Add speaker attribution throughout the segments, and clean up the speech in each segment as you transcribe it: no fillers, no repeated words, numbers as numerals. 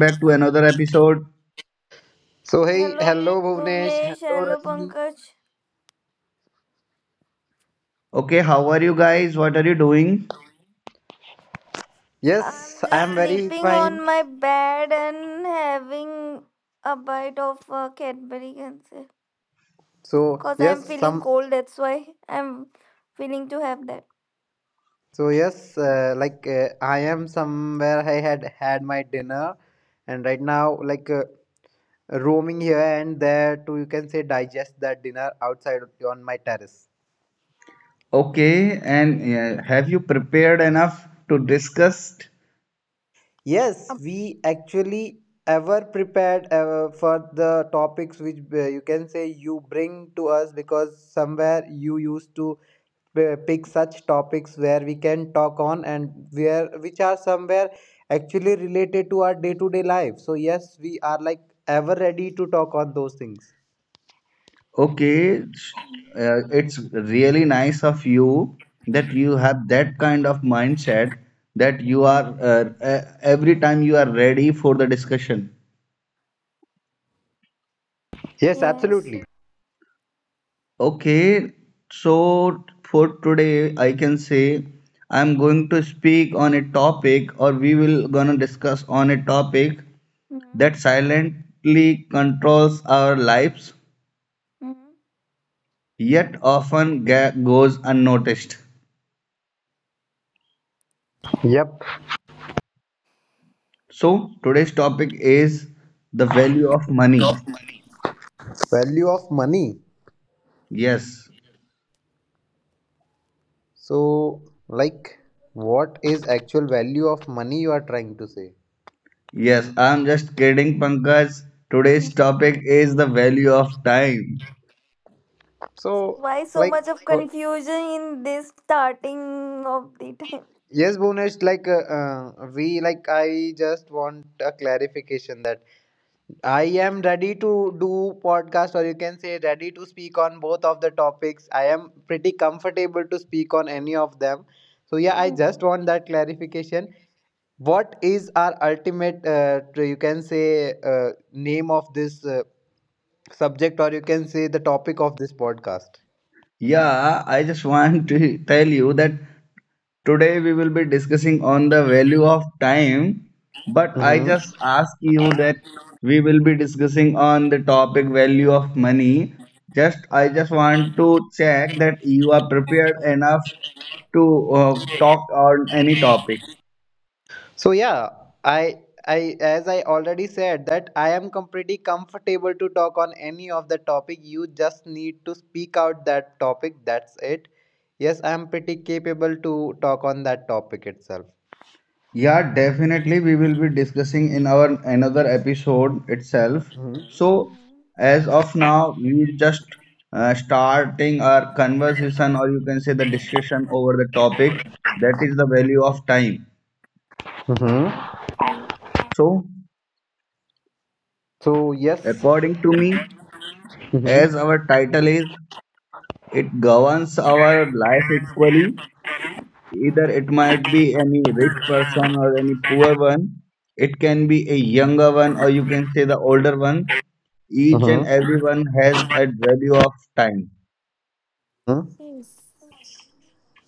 Speaker 1: back to another episode.
Speaker 2: So hey,
Speaker 3: Hello,
Speaker 2: hello Bhuvnesh,
Speaker 3: Bhuvnesh.
Speaker 2: hello
Speaker 3: Hello,
Speaker 2: Rajni.
Speaker 3: Pankaj.
Speaker 1: Okay, how are you guys? What are you doing?
Speaker 3: I'm
Speaker 2: Yes, I am
Speaker 3: just
Speaker 2: very
Speaker 3: sleeping
Speaker 2: fine.
Speaker 3: on my bed and having a bite of Cadbury, can say.
Speaker 2: So
Speaker 3: Because I'm
Speaker 2: yes,
Speaker 3: feeling
Speaker 2: some
Speaker 3: cold, that's why I'm feeling to have that.
Speaker 2: so yes, I am somewhere. I had had my dinner, and right now like roaming here and there to you can say digest that dinner outside on my terrace.
Speaker 1: Okay, and have you prepared enough to discuss?
Speaker 2: Yes,
Speaker 3: Up.
Speaker 2: we actually ever prepared for the topics which you can say you bring to us, because somewhere you used to pick such topics where we can talk on, and where which are somewhere actually related to our day-to-day life. So yes, we are like ever ready to talk on those things.
Speaker 1: Okay, it's really nice of you that you have that kind of mindset that you are
Speaker 3: Mhm.
Speaker 1: every time you are ready for the discussion.
Speaker 2: Yes,
Speaker 3: Yes.
Speaker 2: absolutely.
Speaker 1: Okay, so for today, I can say I'm going to speak on a topic, or we will gonna discuss on a topic
Speaker 3: Mhm.
Speaker 1: that silently controls our lives,
Speaker 3: Mhm.
Speaker 1: yet often goes unnoticed.
Speaker 2: Yep,
Speaker 1: So today's topic is the value of money.
Speaker 2: value of money.
Speaker 1: Yes,
Speaker 2: So like what is actual value of money you are trying to say?
Speaker 1: yes, I'm just kidding, Pankaj. Today's
Speaker 3: Mhm.
Speaker 1: topic is the value of time.
Speaker 2: So
Speaker 3: Why so
Speaker 2: like
Speaker 3: much of
Speaker 2: for-
Speaker 3: confusion in this starting of the time?
Speaker 2: yes, Bhunesh, like we like I just want a clarification that. I am ready to do podcast or you can say ready to speak on both of the topics. I am pretty comfortable to speak on any of them. So yeah, I just
Speaker 3: Mhm.
Speaker 2: want that clarification. What is our ultimate you can say name of this subject or you can say the topic of this podcast?
Speaker 1: Yeah, I just want to tell you that today we will be discussing on the value of time, but I just
Speaker 3: Mhm.
Speaker 1: ask you that we will be discussing on the topic value of money. Just I just want to check that you are prepared enough to talk on any topic.
Speaker 2: So yeah, I I, as I already said, that I am pretty comfortable to talk on any of the topic. You just need to speak out that topic. That's it. Yes, I am pretty capable to talk on that topic itself.
Speaker 1: Yeah, definitely we will be discussing in our another episode itself.
Speaker 2: Mm-hmm.
Speaker 1: So
Speaker 3: Mhm.
Speaker 1: as of now, we just starting our conversation or you can say the discussion over the topic that is the
Speaker 3: Mhm.
Speaker 1: value of time.
Speaker 2: Mm-hmm.
Speaker 3: Okay.
Speaker 1: So
Speaker 2: So yes.
Speaker 1: according to me,
Speaker 2: Mm-hmm.
Speaker 1: as our title is, it governs our life equally. Either it
Speaker 3: Mhm.
Speaker 1: might be any rich person or any poor one. It can be a younger one or you can say the older one. Each
Speaker 3: Mhm.
Speaker 1: and
Speaker 2: Mm-hmm.
Speaker 1: everyone has a value of time
Speaker 2: hmm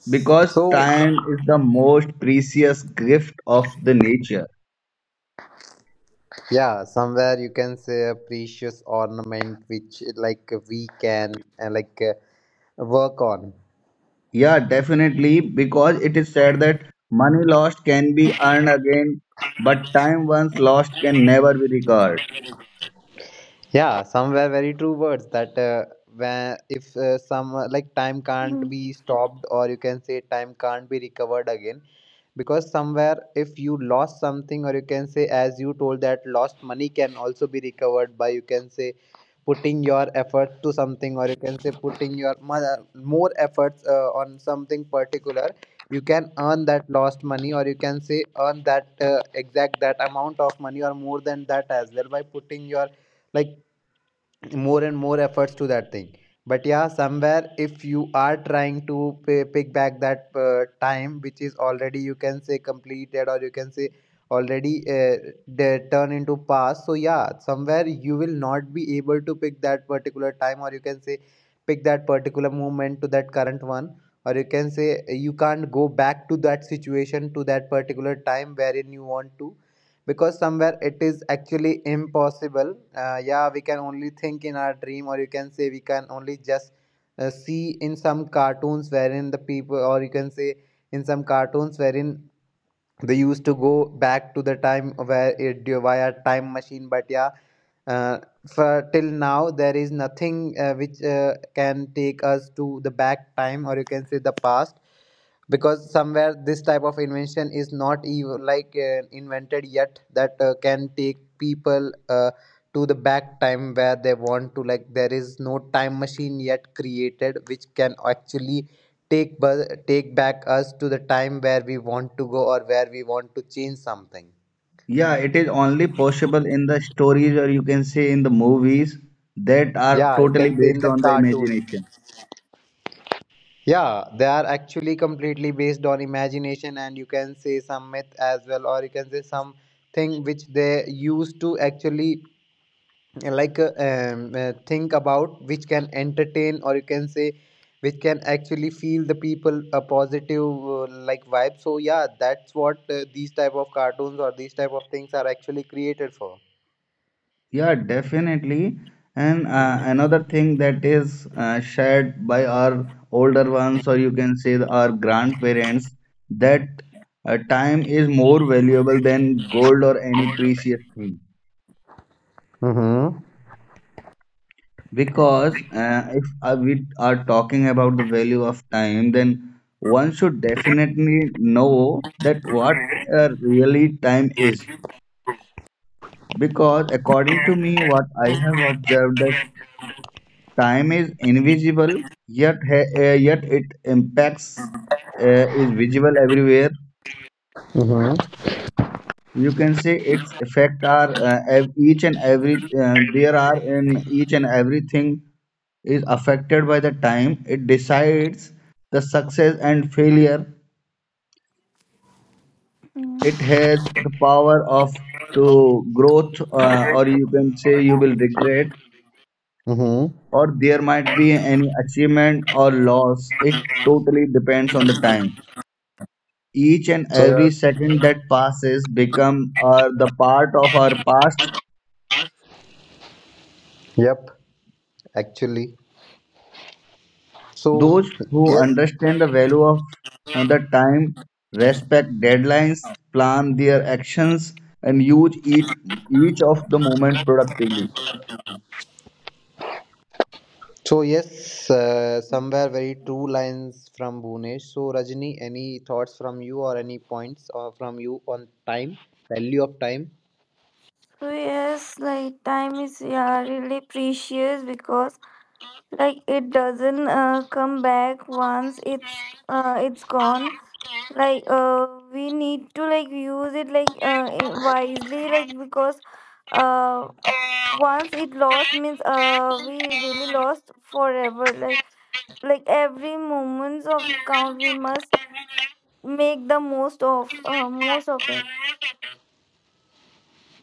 Speaker 1: because
Speaker 2: So,
Speaker 1: time is the most precious gift of the nature.
Speaker 2: Yeah, somewhere you can say a precious ornament which like we can like work on.
Speaker 1: Yeah, definitely because it is said that money lost can be earned again, but time once lost can never be recovered.
Speaker 2: Yeah, somewhere very true words that when if some like time can't be
Speaker 3: Yes.
Speaker 2: stopped, or you can say time can't be recovered again, because somewhere if you lost something, or you can say as you told, that lost money can also be recovered by you can say putting your effort to something, or you can say putting your more efforts on something particular, you can earn that lost money or you can say earn that exact that amount of money or more than that as well by putting your like more and more efforts to that thing. But yeah, somewhere if you are trying to pick back that time which is already you can say completed, or you can say already they turn into past. So yeah, somewhere you will not be able to pick that particular time, or you can say pick that particular moment to that current one, or you can say you can't go back to that situation, to that particular time wherein you want to, because somewhere it is actually impossible. Yeah, we can only think in our dream, or you can say we can only just see in some cartoons wherein the people, or you can say in some cartoons wherein they used to go back to the time where it via time machine. But yeah uh, for till now there is nothing which can take us to the back time, or you can say the past, because somewhere this type of invention is not even like invented yet that can take people to the back time where they want to, like there is no time machine yet created which can actually take back us to the time where we want to go, or where we want to change something.
Speaker 1: Yeah, it is only possible in the stories or you can say in the movies that are
Speaker 2: Yeah, you
Speaker 1: totally
Speaker 2: can say in
Speaker 1: based
Speaker 2: the
Speaker 1: on the
Speaker 2: cartoon,
Speaker 1: imagination.
Speaker 2: yeah they are actually completely based on imagination and you can say some myth as well, or you can say something which they used to actually like think about which can entertain, or you can say which can actually feel the people a positive like vibe. So yeah, that's what these type of cartoons or these type of things are actually created for.
Speaker 1: Yeah, definitely. And
Speaker 2: Mhm.
Speaker 1: another thing that is shared by our older ones or you can say our grandparents that time is more valuable than gold or any precious thing.
Speaker 2: Mhm.
Speaker 1: Because if we are talking about the value of time, then one should definitely know that what really time is. Because according to me, what I have observed that time is invisible, yet yet it impacts is visible everywhere.
Speaker 2: Mhm. Mhm.
Speaker 1: You can say its effect are each and every there are in each and everything is affected by the time. It decides the success and failure. It
Speaker 3: Mm.
Speaker 1: has the power of to growth or you can say you will regret or there might be any achievement or loss. It totally depends on the time. Each and
Speaker 2: So
Speaker 1: every
Speaker 2: yeah.
Speaker 1: second that passes become the part of our past.
Speaker 2: Yep. Actually. So
Speaker 1: Those who
Speaker 2: yes.
Speaker 1: understand the value of the time, respect deadlines, plan their actions, and use each of the moment productively.
Speaker 2: So yes. Somewhere very true lines from Bhunesh. So Rajni, any thoughts from you or any points or from you on time, value of time?
Speaker 3: So yes, like time is yeah really precious because like it doesn't come back once it's it's gone. Like we need to like use it like wisely like because uh once it lost means we really lost forever. Like every moments of count we must make the most of it.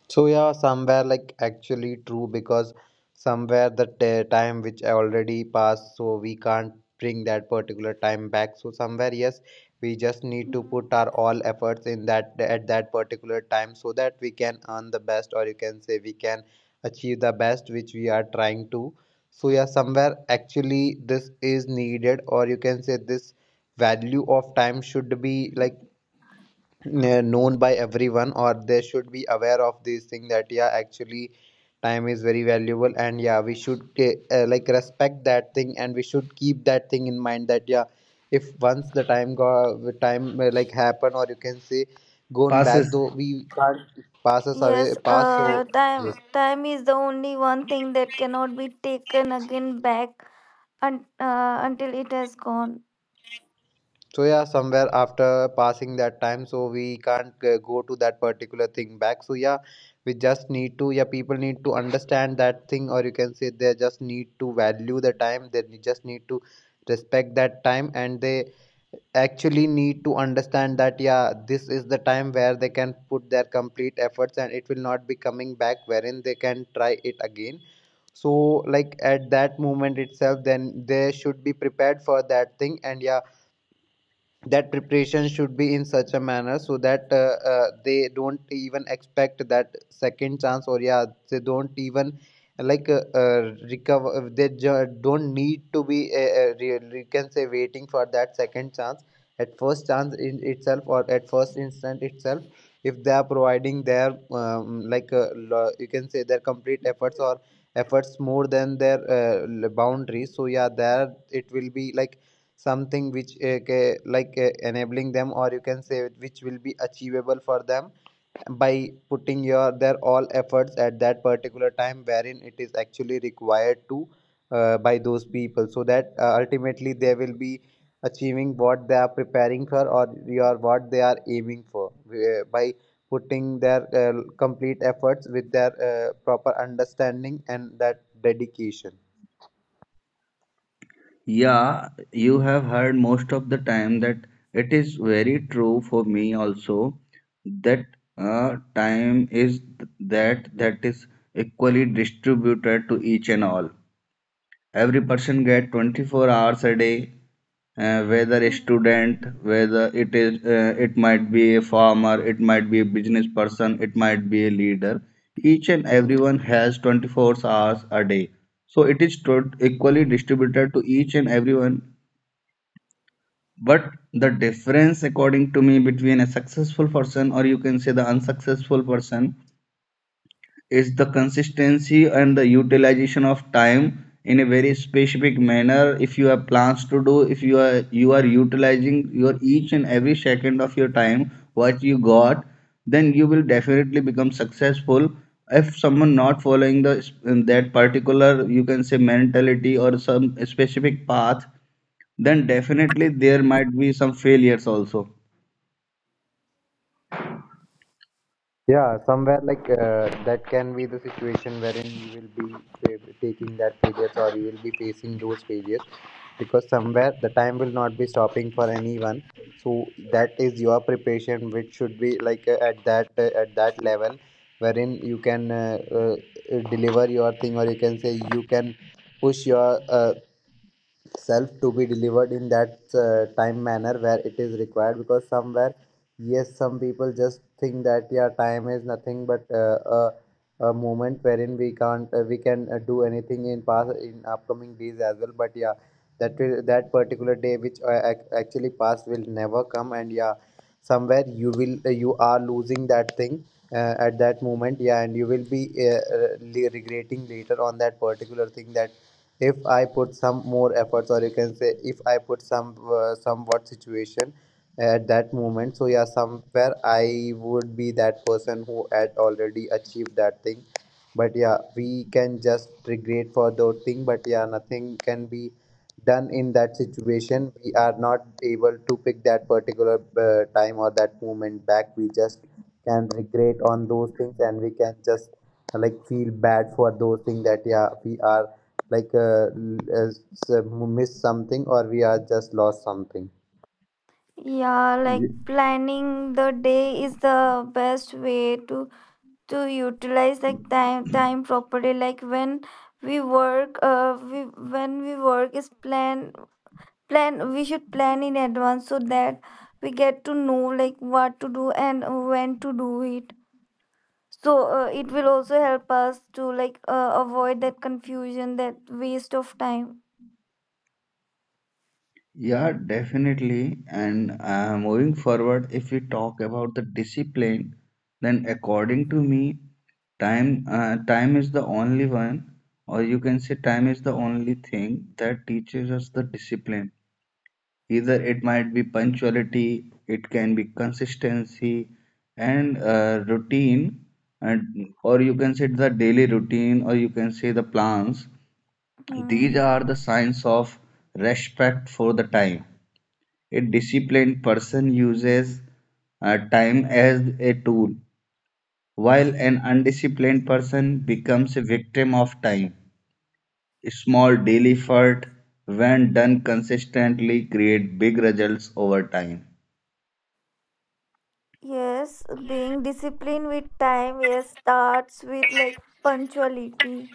Speaker 2: So yeah, somewhere like actually true, because somewhere the time which already passed, so we can't bring that particular time back. So somewhere yes, we just need to
Speaker 3: Mm.
Speaker 2: put our all efforts in that at that particular time so that we can earn the best, or you can say we can achieve the best which we are trying to. So yeah, somewhere actually this is needed, or you can say this value of time should be like known by everyone, or they should be aware of this thing that yeah, actually time is very valuable, and yeah we should like respect that thing, and we should keep that thing in mind that yeah if once the time go, the time like happen, or you can say gone
Speaker 1: Passes.
Speaker 2: back, though we can't pass us away
Speaker 3: Yes,
Speaker 2: pass so yes.
Speaker 3: time is the only one thing that cannot be taken again back until it has gone.
Speaker 2: So yeah, somewhere after passing that time, so we can't go to that particular thing back. So yeah, we just need to yeah people need to understand that thing, or you can say they just need to value the time. They just need to respect that time, and they actually need to understand that yeah this is the time where they can put their complete efforts, and it will not be coming back wherein they can try it again. So like at that moment itself, then they should be prepared for that thing, and yeah that preparation should be in such a manner so that they don't even expect that second chance, or yeah they don't even like recover don't need to be you can say waiting for that second chance. At first chance in itself, or at first instant itself, if they are providing their like you can say their complete efforts, or efforts more than their boundaries. So yeah, there it will be like something which like enabling them, or you can say which will be achievable for them by putting your their all efforts at that particular time wherein it is actually required to by those people, so that ultimately they will be achieving what they are preparing for, or your what they are aiming for by putting their complete efforts with their proper understanding and that dedication.
Speaker 1: Yeah, you have heard most of the time that it is very true for me also that time is that is equally distributed to each and all. Every person get 24 hours a day whether a
Speaker 3: Mm.
Speaker 1: student, whether it is it might be a farmer, it might be a business person, it might be a leader. Each and everyone has 24 hours a day, so it is equally distributed to each and everyone. But the difference according to me between a successful person or you can say the unsuccessful person is the consistency and the utilization of time in a very specific manner. If you have plans to do, if you are you are utilizing your each and every second of your time what you got, then you will definitely become successful. If someone not following the that particular you can say mentality or some specific path, then definitely there might be some failures also.
Speaker 2: Yeah, somewhere like that can be the situation wherein you will be taking that failures, or you will be facing those failures, because somewhere the time will not be stopping for anyone. So that is your preparation, which should be like at that level wherein you can deliver your thing, or you can say you can push your self to be delivered in that time manner where it is required, because somewhere yes, some people just think that yeah time is nothing but a moment wherein we can't we can do anything in past in upcoming days as well. But yeah, that particular day which actually past will never come. And yeah, somewhere you are losing that thing at that moment, yeah, and you will be regretting later on that particular thing that if I put some more efforts, or you can say if I put some somewhat situation at that moment. So yeah, somewhere I would be that person who had already achieved that thing. But yeah, we can just regret for those thing. But yeah, nothing can be done in that situation. We are not able to pick that particular time or that moment back. We just can regret on those things, and we can just like feel bad for those things that yeah we are like as uh, miss something, or we are just lost something.
Speaker 3: Yeah, like planning the day is the best way to utilize like time properly. Like when we work, we when we work is plan. We should plan in advance so that we get to know like what to do and when to do it. So it will also help us to like avoid that confusion, that waste of time.
Speaker 1: Yeah, definitely. And moving forward, if we talk about the discipline, then according to me, time is the only one, or you can say time is the only thing that teaches us the discipline. Either it might be punctuality, it can be consistency and routine, and or you can say the daily routine, or you can say the plans.
Speaker 3: Hmm.
Speaker 1: These are the signs of respect for the time. A disciplined person uses time as a tool, while an undisciplined person becomes a victim of time. Small daily effort, when done consistently, create big results over time.
Speaker 3: Yes, being disciplined with time, yes, starts with like punctuality.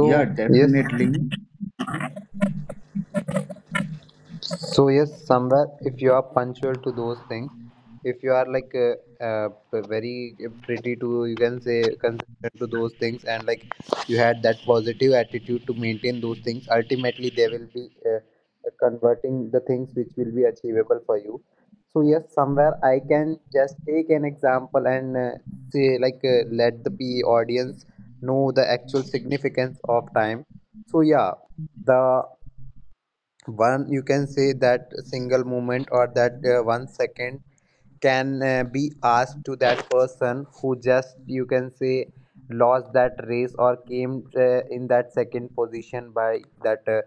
Speaker 1: Yeah,
Speaker 2: yes.
Speaker 1: definitely.
Speaker 2: So yes, somewhere if you are punctual to those things, if you are like very pretty to you can say consistent to those things, and like you had that positive attitude to maintain those things, ultimately they will be converting the things which will be achievable for you. So yes, somewhere I can just take an example, and say like let the PE audience know the actual significance of time. So yeah, the one you can say that single moment or that 1 second can be asked to that person who just you can say lost that race or came in that second position by that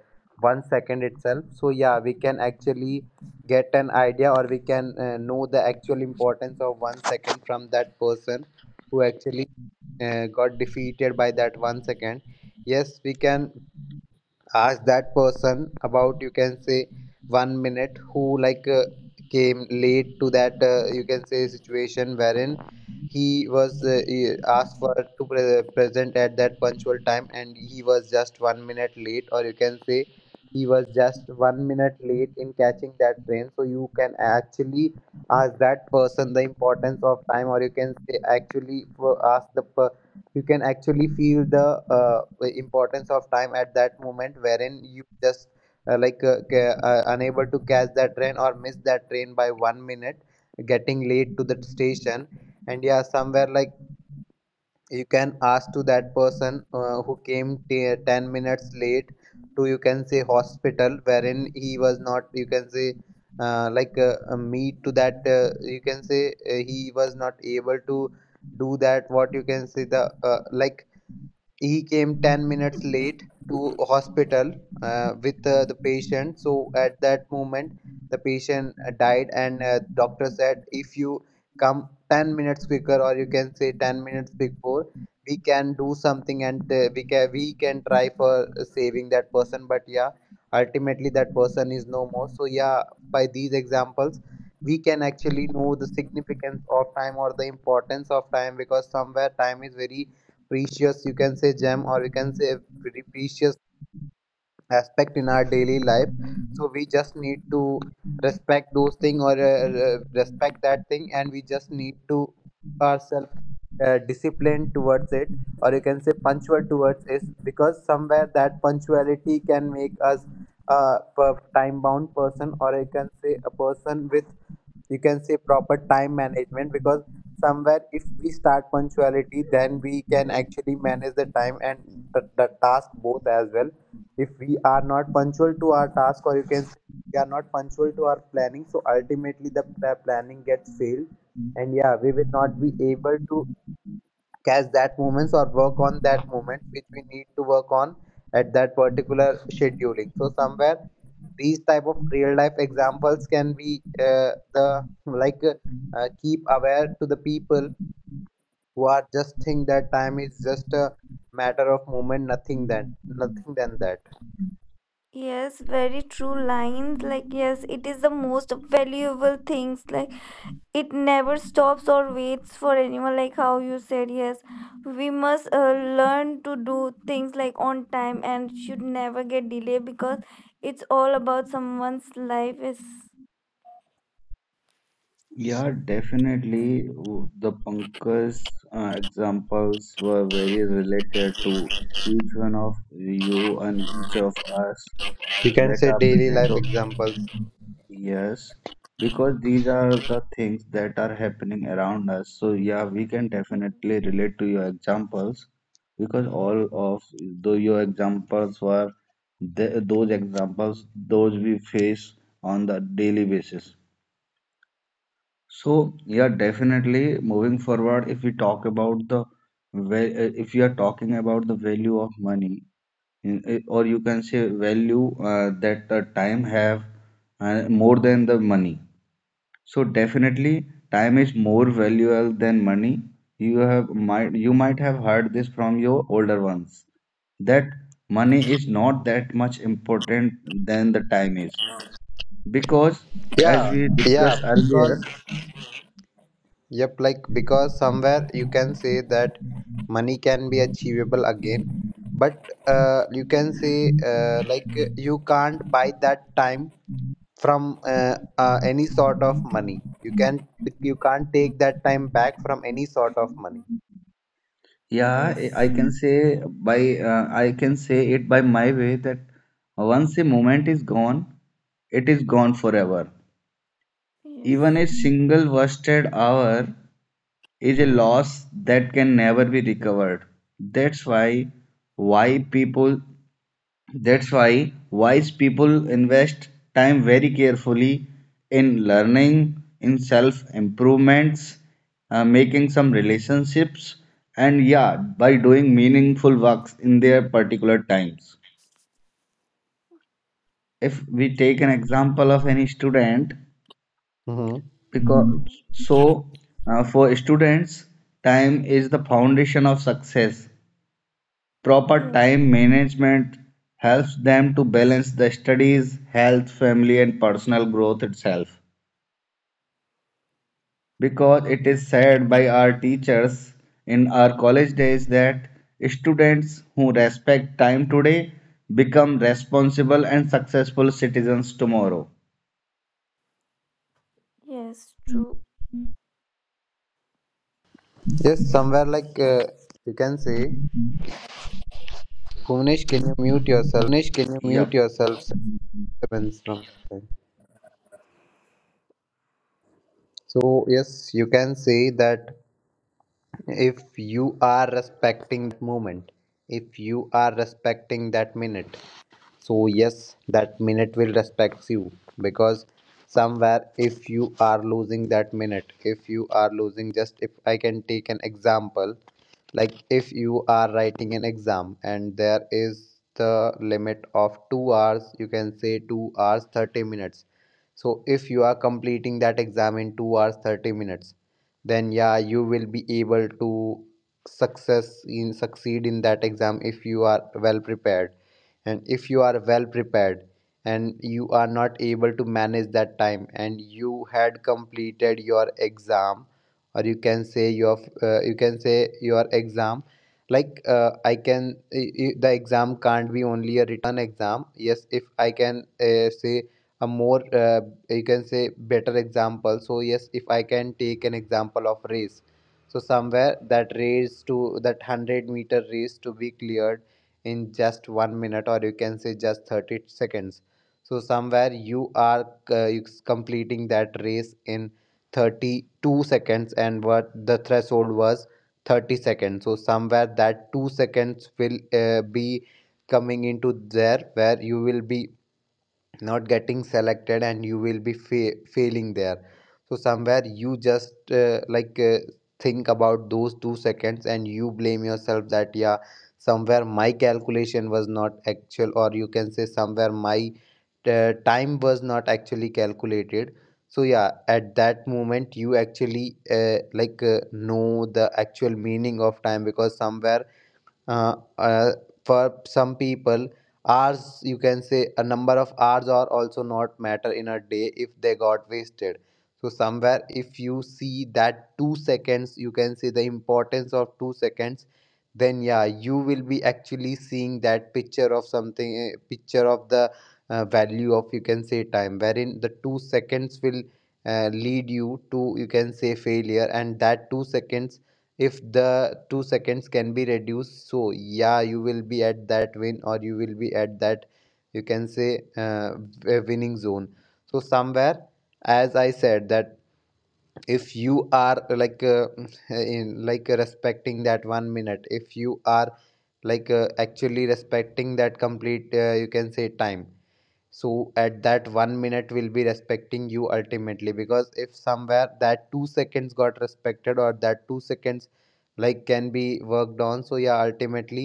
Speaker 2: 1 second itself. So yeah, we can actually get an idea or we can know the actual importance of 1 second from that person who actually got defeated by that 1 second. Yes, we can ask that person about you can say 1 minute who like came late to that you can say situation wherein he asked for to present at that punctual time and he was just 1 minute late, or you can say he was just 1 minute late in catching that train. So you can actually ask that person the importance of time, or you can say actually ask the you can actually feel the uh, importance of time at that moment wherein you just unable to catch that train or miss that train by 1 minute getting late to the station. And yeah, somewhere like you can ask to that person who came 10 minutes late to you can say hospital wherein he was not you can say like meet to that you can say he was not able to do that, what you can say, the he came 10 minutes late to hospital with the patient. So at that moment the patient died, and doctor said, if you come 10 minutes quicker, or you can say 10 minutes before, we can do something and we can try for saving that person. But yeah, ultimately that person is no more. So yeah, by these examples we can actually know the significance of time or the importance of time, because somewhere time is very precious you can say gem, or you can say pretty precious aspect in our daily life. So we just need to respect those thing, or respect that thing, and we just need to ourselves disciplined towards it, or you can say punctual towards it, because somewhere that punctuality can make us a time bound person, or you can say a person with you can say proper time management. Because somewhere if we start punctuality, then we can actually manage the time and the task both as well. If we are not punctual to our task, or you can say we are not punctual to our planning, so ultimately the planning gets failed, and yeah we will not be able to catch that moments or work on that moment which we need to work on at that particular scheduling. So somewhere these type of real life examples can be the like keep aware to the people who are just think that time is just a matter of moment, nothing than nothing than that
Speaker 3: Yes, very true lines. Like, yes, it is the most valuable things, like it never stops or waits for anyone, like how you said. Yes, we must learn to do things like on time and should never get delayed because it's all about someone's life is.
Speaker 1: Yeah, definitely. The Pankaj examples were very related to each one of you and each of us.
Speaker 2: you can
Speaker 1: That
Speaker 2: say
Speaker 1: are
Speaker 2: daily
Speaker 1: present
Speaker 2: life
Speaker 1: o-
Speaker 2: examples,
Speaker 1: Yes, because these are the things that are happening around us. So, yeah, we can
Speaker 3: Mm,
Speaker 1: definitely relate to your examples because all of though your examples were the, those examples those we face on the daily basis. So, yeah, definitely moving forward, if we talk about the if you are talking about the value of money, or you can say value that the time have more than the money, so definitely time is more valuable than money. You have might you might have heard this from your older ones that money is not that much important than the time is because as
Speaker 2: yeah,
Speaker 1: we
Speaker 2: yeah,
Speaker 1: discussed earlier.
Speaker 2: because yep, like because somewhere you can say that money can be achievable again, but you can say you can't buy that time from any sort of money. You can't take that time back from any sort of money.
Speaker 1: Yeah, I
Speaker 3: yes.
Speaker 1: can say by I can say it by my way that once a moment is gone, it is gone forever.
Speaker 3: Yes.
Speaker 1: Even a single wasted hour is a
Speaker 2: Mm-hmm.
Speaker 1: loss that can never be recovered. That's why why people wise people invest time very carefully in learning, in self improvements, making some relationships, and yeah, by doing meaningful works in their particular times. If we take an example of any student,
Speaker 2: Mm-hmm.
Speaker 1: because
Speaker 3: Mm,
Speaker 1: so for students time is the foundation of success. Proper
Speaker 3: yes.
Speaker 1: time management helps them to balance the studies, health, family, and personal growth itself because it is said by our teachers in our
Speaker 3: Mm,
Speaker 1: college days that students who respect time today become responsible and successful citizens tomorrow.
Speaker 3: yes true.
Speaker 2: Yes, somewhere like you can say, Bhuvnesh, can you mute
Speaker 1: Yep.
Speaker 2: yourself? Disturbance from outside. So yes, you can say that if you are respecting that moment, if you are respecting that minute, so yes, that minute will respect you, because somewhere, if you are losing that minute, if you are losing, just if I can take an example, like if you are writing an exam and there is the limit of 2 hours, you can say 2 hours 30 minutes. So, if you are completing that exam in 2 hours 30 minutes, then yeah, you will be able to success in succeed in that exam if you are well prepared. And if you are well prepared and you are not able to manage that time, and you had completed your exam, or you can say your you can say your exam like I can I- the exam can't be only a written exam. Yes, if I can say a more you can say better example, so yes, if I can take an example of race, so somewhere that race to that 100-meter race to be cleared in just 1 minute, or you can say just 30 seconds. So somewhere you are completing that race in 32 seconds, and what the threshold was 30 seconds. So somewhere that 2 seconds will be coming into there where you will be not getting selected and you will be failing there. So somewhere you just think about those 2 seconds, and you blame yourself that yeah somewhere my calculation was not actual, or you can say somewhere my time was not actually calculated. So yeah, at that moment you actually know the actual meaning of time, because somewhere uh, uh, for some people hours you can say a number of hours are also not matter in a day if they got wasted. So somewhere if you see that 2 seconds, you can say the importance of 2 seconds, then yeah you will be actually seeing that picture of something, eh, picture of the value of you can say time, wherein the 2 seconds will lead you to you can say failure, and that 2 seconds, if the 2 seconds can be reduced, so yeah you will be at that win, or you will be at that you can say winning zone. So somewhere as I said, that if you are like respecting that 1 minute, if you are like actually respecting that complete you can say time, so at that 1 minute will be respecting you ultimately, because if somewhere that 2 seconds got respected, or that 2 seconds like can be worked on, so yeah ultimately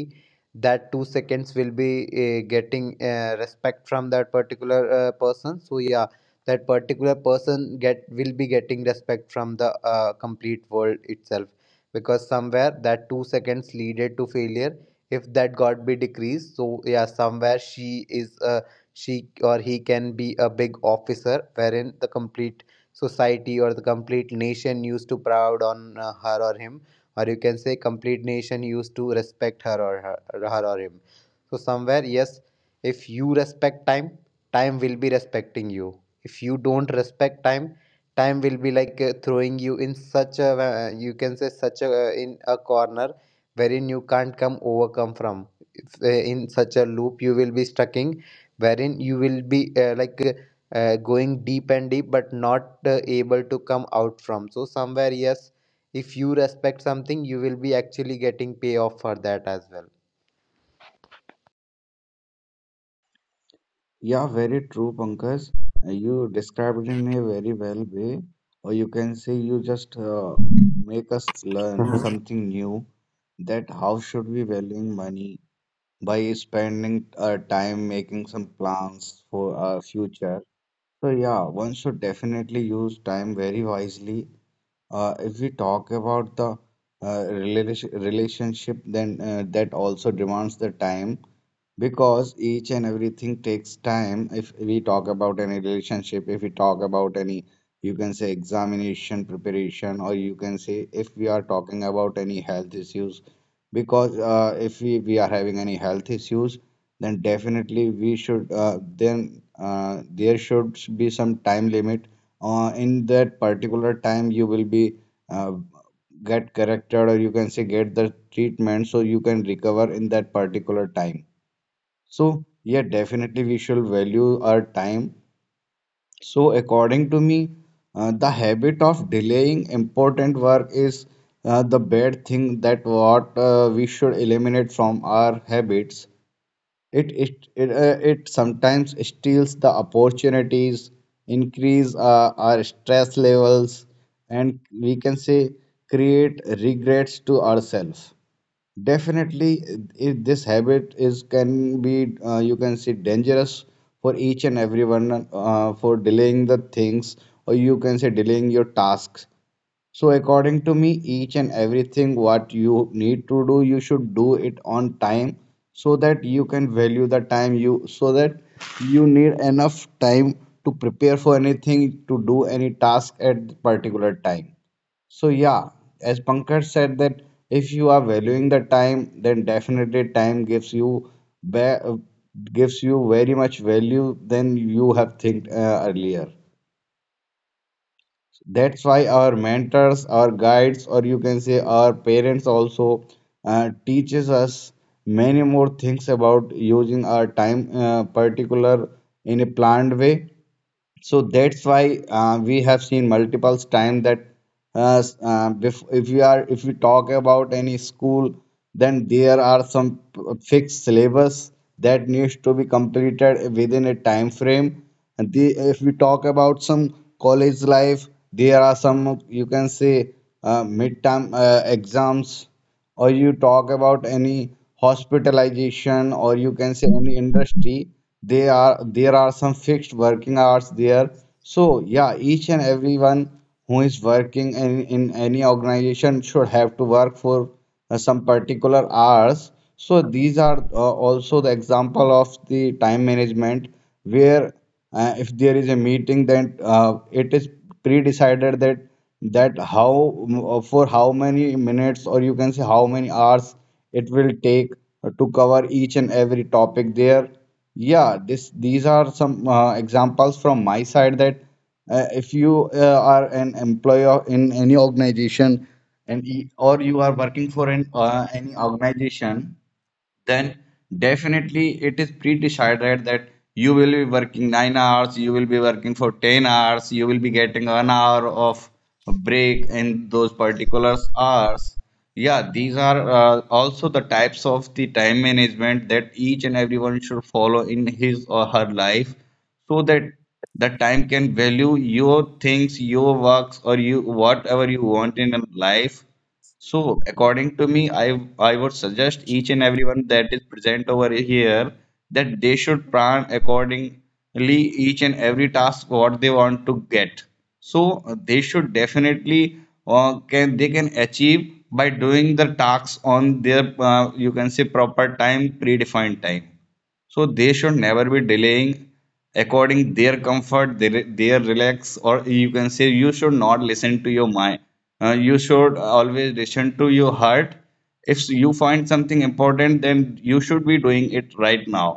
Speaker 2: that 2 seconds will be getting respect from that particular person. So yeah, that particular person get will be getting respect from the complete world itself, because somewhere that 2 seconds leaded to failure, if that got be decreased. So yeah somewhere, she is she or he can be a big officer wherein the complete society or the complete nation used to proud on her or him, or you can say complete nation used to respect her, her or him. So somewhere yes, if you respect time, time will be respecting you. If you don't respect time, time will be like throwing you in such a you can say such a in a corner wherein you can't come overcome from, if, in such a loop you will be stuck in, wherein you will be going deep and deep but not able to come out from. So somewhere yes, if you respect something you will be actually getting payoff for that as well.
Speaker 1: Yeah, very true, Pankaj. You described it in a very well way, or you can say you just make us learn
Speaker 2: Mhm.
Speaker 1: something new that how should we valuing money by spending our time making some plans for our future. So yeah, one should definitely use time very wisely. If we talk about the relationship, then that also demands the time because each and everything takes time. If we talk about any relationship, if we talk about any, you can say examination preparation, or you can say if we are talking about any health issues, because then definitely we should then uh, there should be some time limit in that particular time you will be uh, get corrected or you can say get the treatment so you can recover in that particular time. So yeah, definitely we should value our time. So according to me, the habit of delaying important work is the bad thing that what we should eliminate from our habits. It sometimes steals the opportunities, increase our stress levels, and we can say create regrets to ourselves. Definitely, it, this habit is can be you can say dangerous for each and everyone for delaying the things, or you can say delaying your tasks. So according to me, each and everything what you need to do, you should do it on time so that you can value the time you so that you need enough time to prepare for anything to do any task at particular time. So yeah, as Pankaj said that if you are valuing the time, then definitely time gives you ba- gives you very much value than you have think earlier. That's why our mentors, our guides, or you can say our parents also teaches us many more things about using our time, particular in a planned way. So that's why we have seen multiple times that if we are if we talk about any school, then there are some fixed syllabus that needs to be completed within a time frame. And the, if we talk about some college life, there are some you can say midterm exams or you talk about any hospitalization or you can say any industry they are there are some fixed working hours there. So yeah, each and everyone who is working in any organization should have to work for some particular hours. So these are also the example of the time management where if there is a meeting, then it is pre-decided that that how for how many minutes or you can say how many hours it will take to cover each and every topic there. Yeah, this these are some examples from my side that if you are an employer in any organization and or you are working for an any organization, then definitely it is pre-decided that you will be working 9 hours, you will be working for 10 hours, you will be getting an hour of break in those particular hours. Yeah, these are also the types of the time management that each and everyone should follow in his or her life so that the time can value your things, your works, or you whatever you want in life. So, according to me, I would suggest each and everyone that is present over here that they should plan accordingly each and every task what they want to get. So they should definitely can they can achieve by doing the tasks on their you can say proper time, predefined time. So they should never be delaying according their comfort their relax or you can say you should not listen to your mind. You should always listen to your heart. If you find something important, then you should be doing it right now.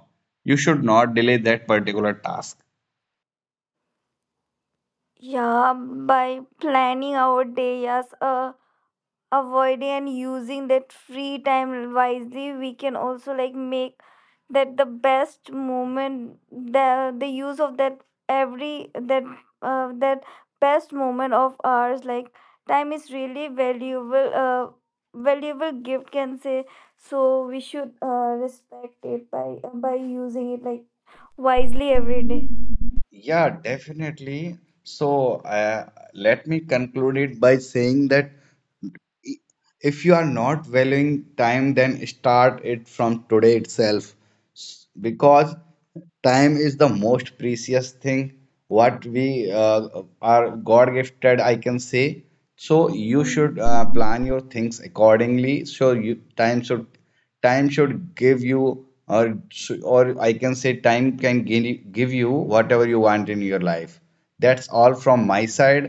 Speaker 1: You should not delay that particular task.
Speaker 3: Yeah, by planning our day, yes, avoiding and using that free time wisely, we can also like make that the best moment, the use of that every that that best moment of ours. Like time is really valuable, valuable gift can say, so we should respect it by using it like wisely every day.
Speaker 1: Yeah, definitely. So, let me conclude it by saying that if you are not valuing time, then start it from today itself. Because time is the most precious thing what we are god gifted, I can say. So you
Speaker 3: Hmm.
Speaker 1: should plan your things accordingly so you time should give you or or I can say time can give you whatever you want in your life. That's all from my side.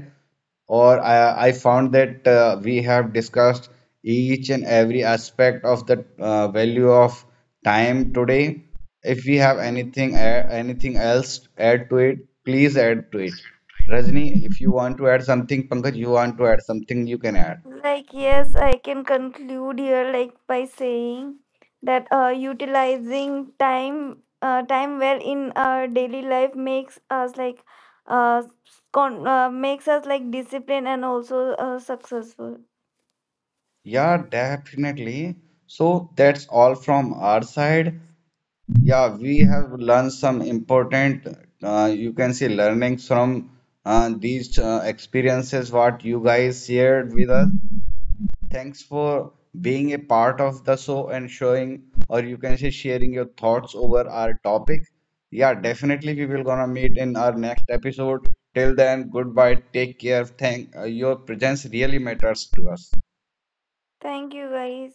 Speaker 1: Or I found that we have discussed each and every aspect of the value of time today. If we have
Speaker 3: Hmm.
Speaker 1: anything anything else to add to it, please add to it. Rajni, if you want to add something, Pankaj, you want to add something, you can add.
Speaker 3: Like, yes, I can conclude here, like, by saying that utilizing time, time well in our daily life makes us like, uh, makes us like disciplined and also successful.
Speaker 1: Yeah, definitely. So that's all from our side. Yeah, we have learned some important, you can see learnings from these experiences what you guys shared with us. Thanks for being a part of the show and showing, or you can say sharing your thoughts over our topic. Yeah, definitely we will gonna meet in our next episode. Till then, goodbye. Take care. Thank your presence really matters to us.
Speaker 3: Thank you, guys.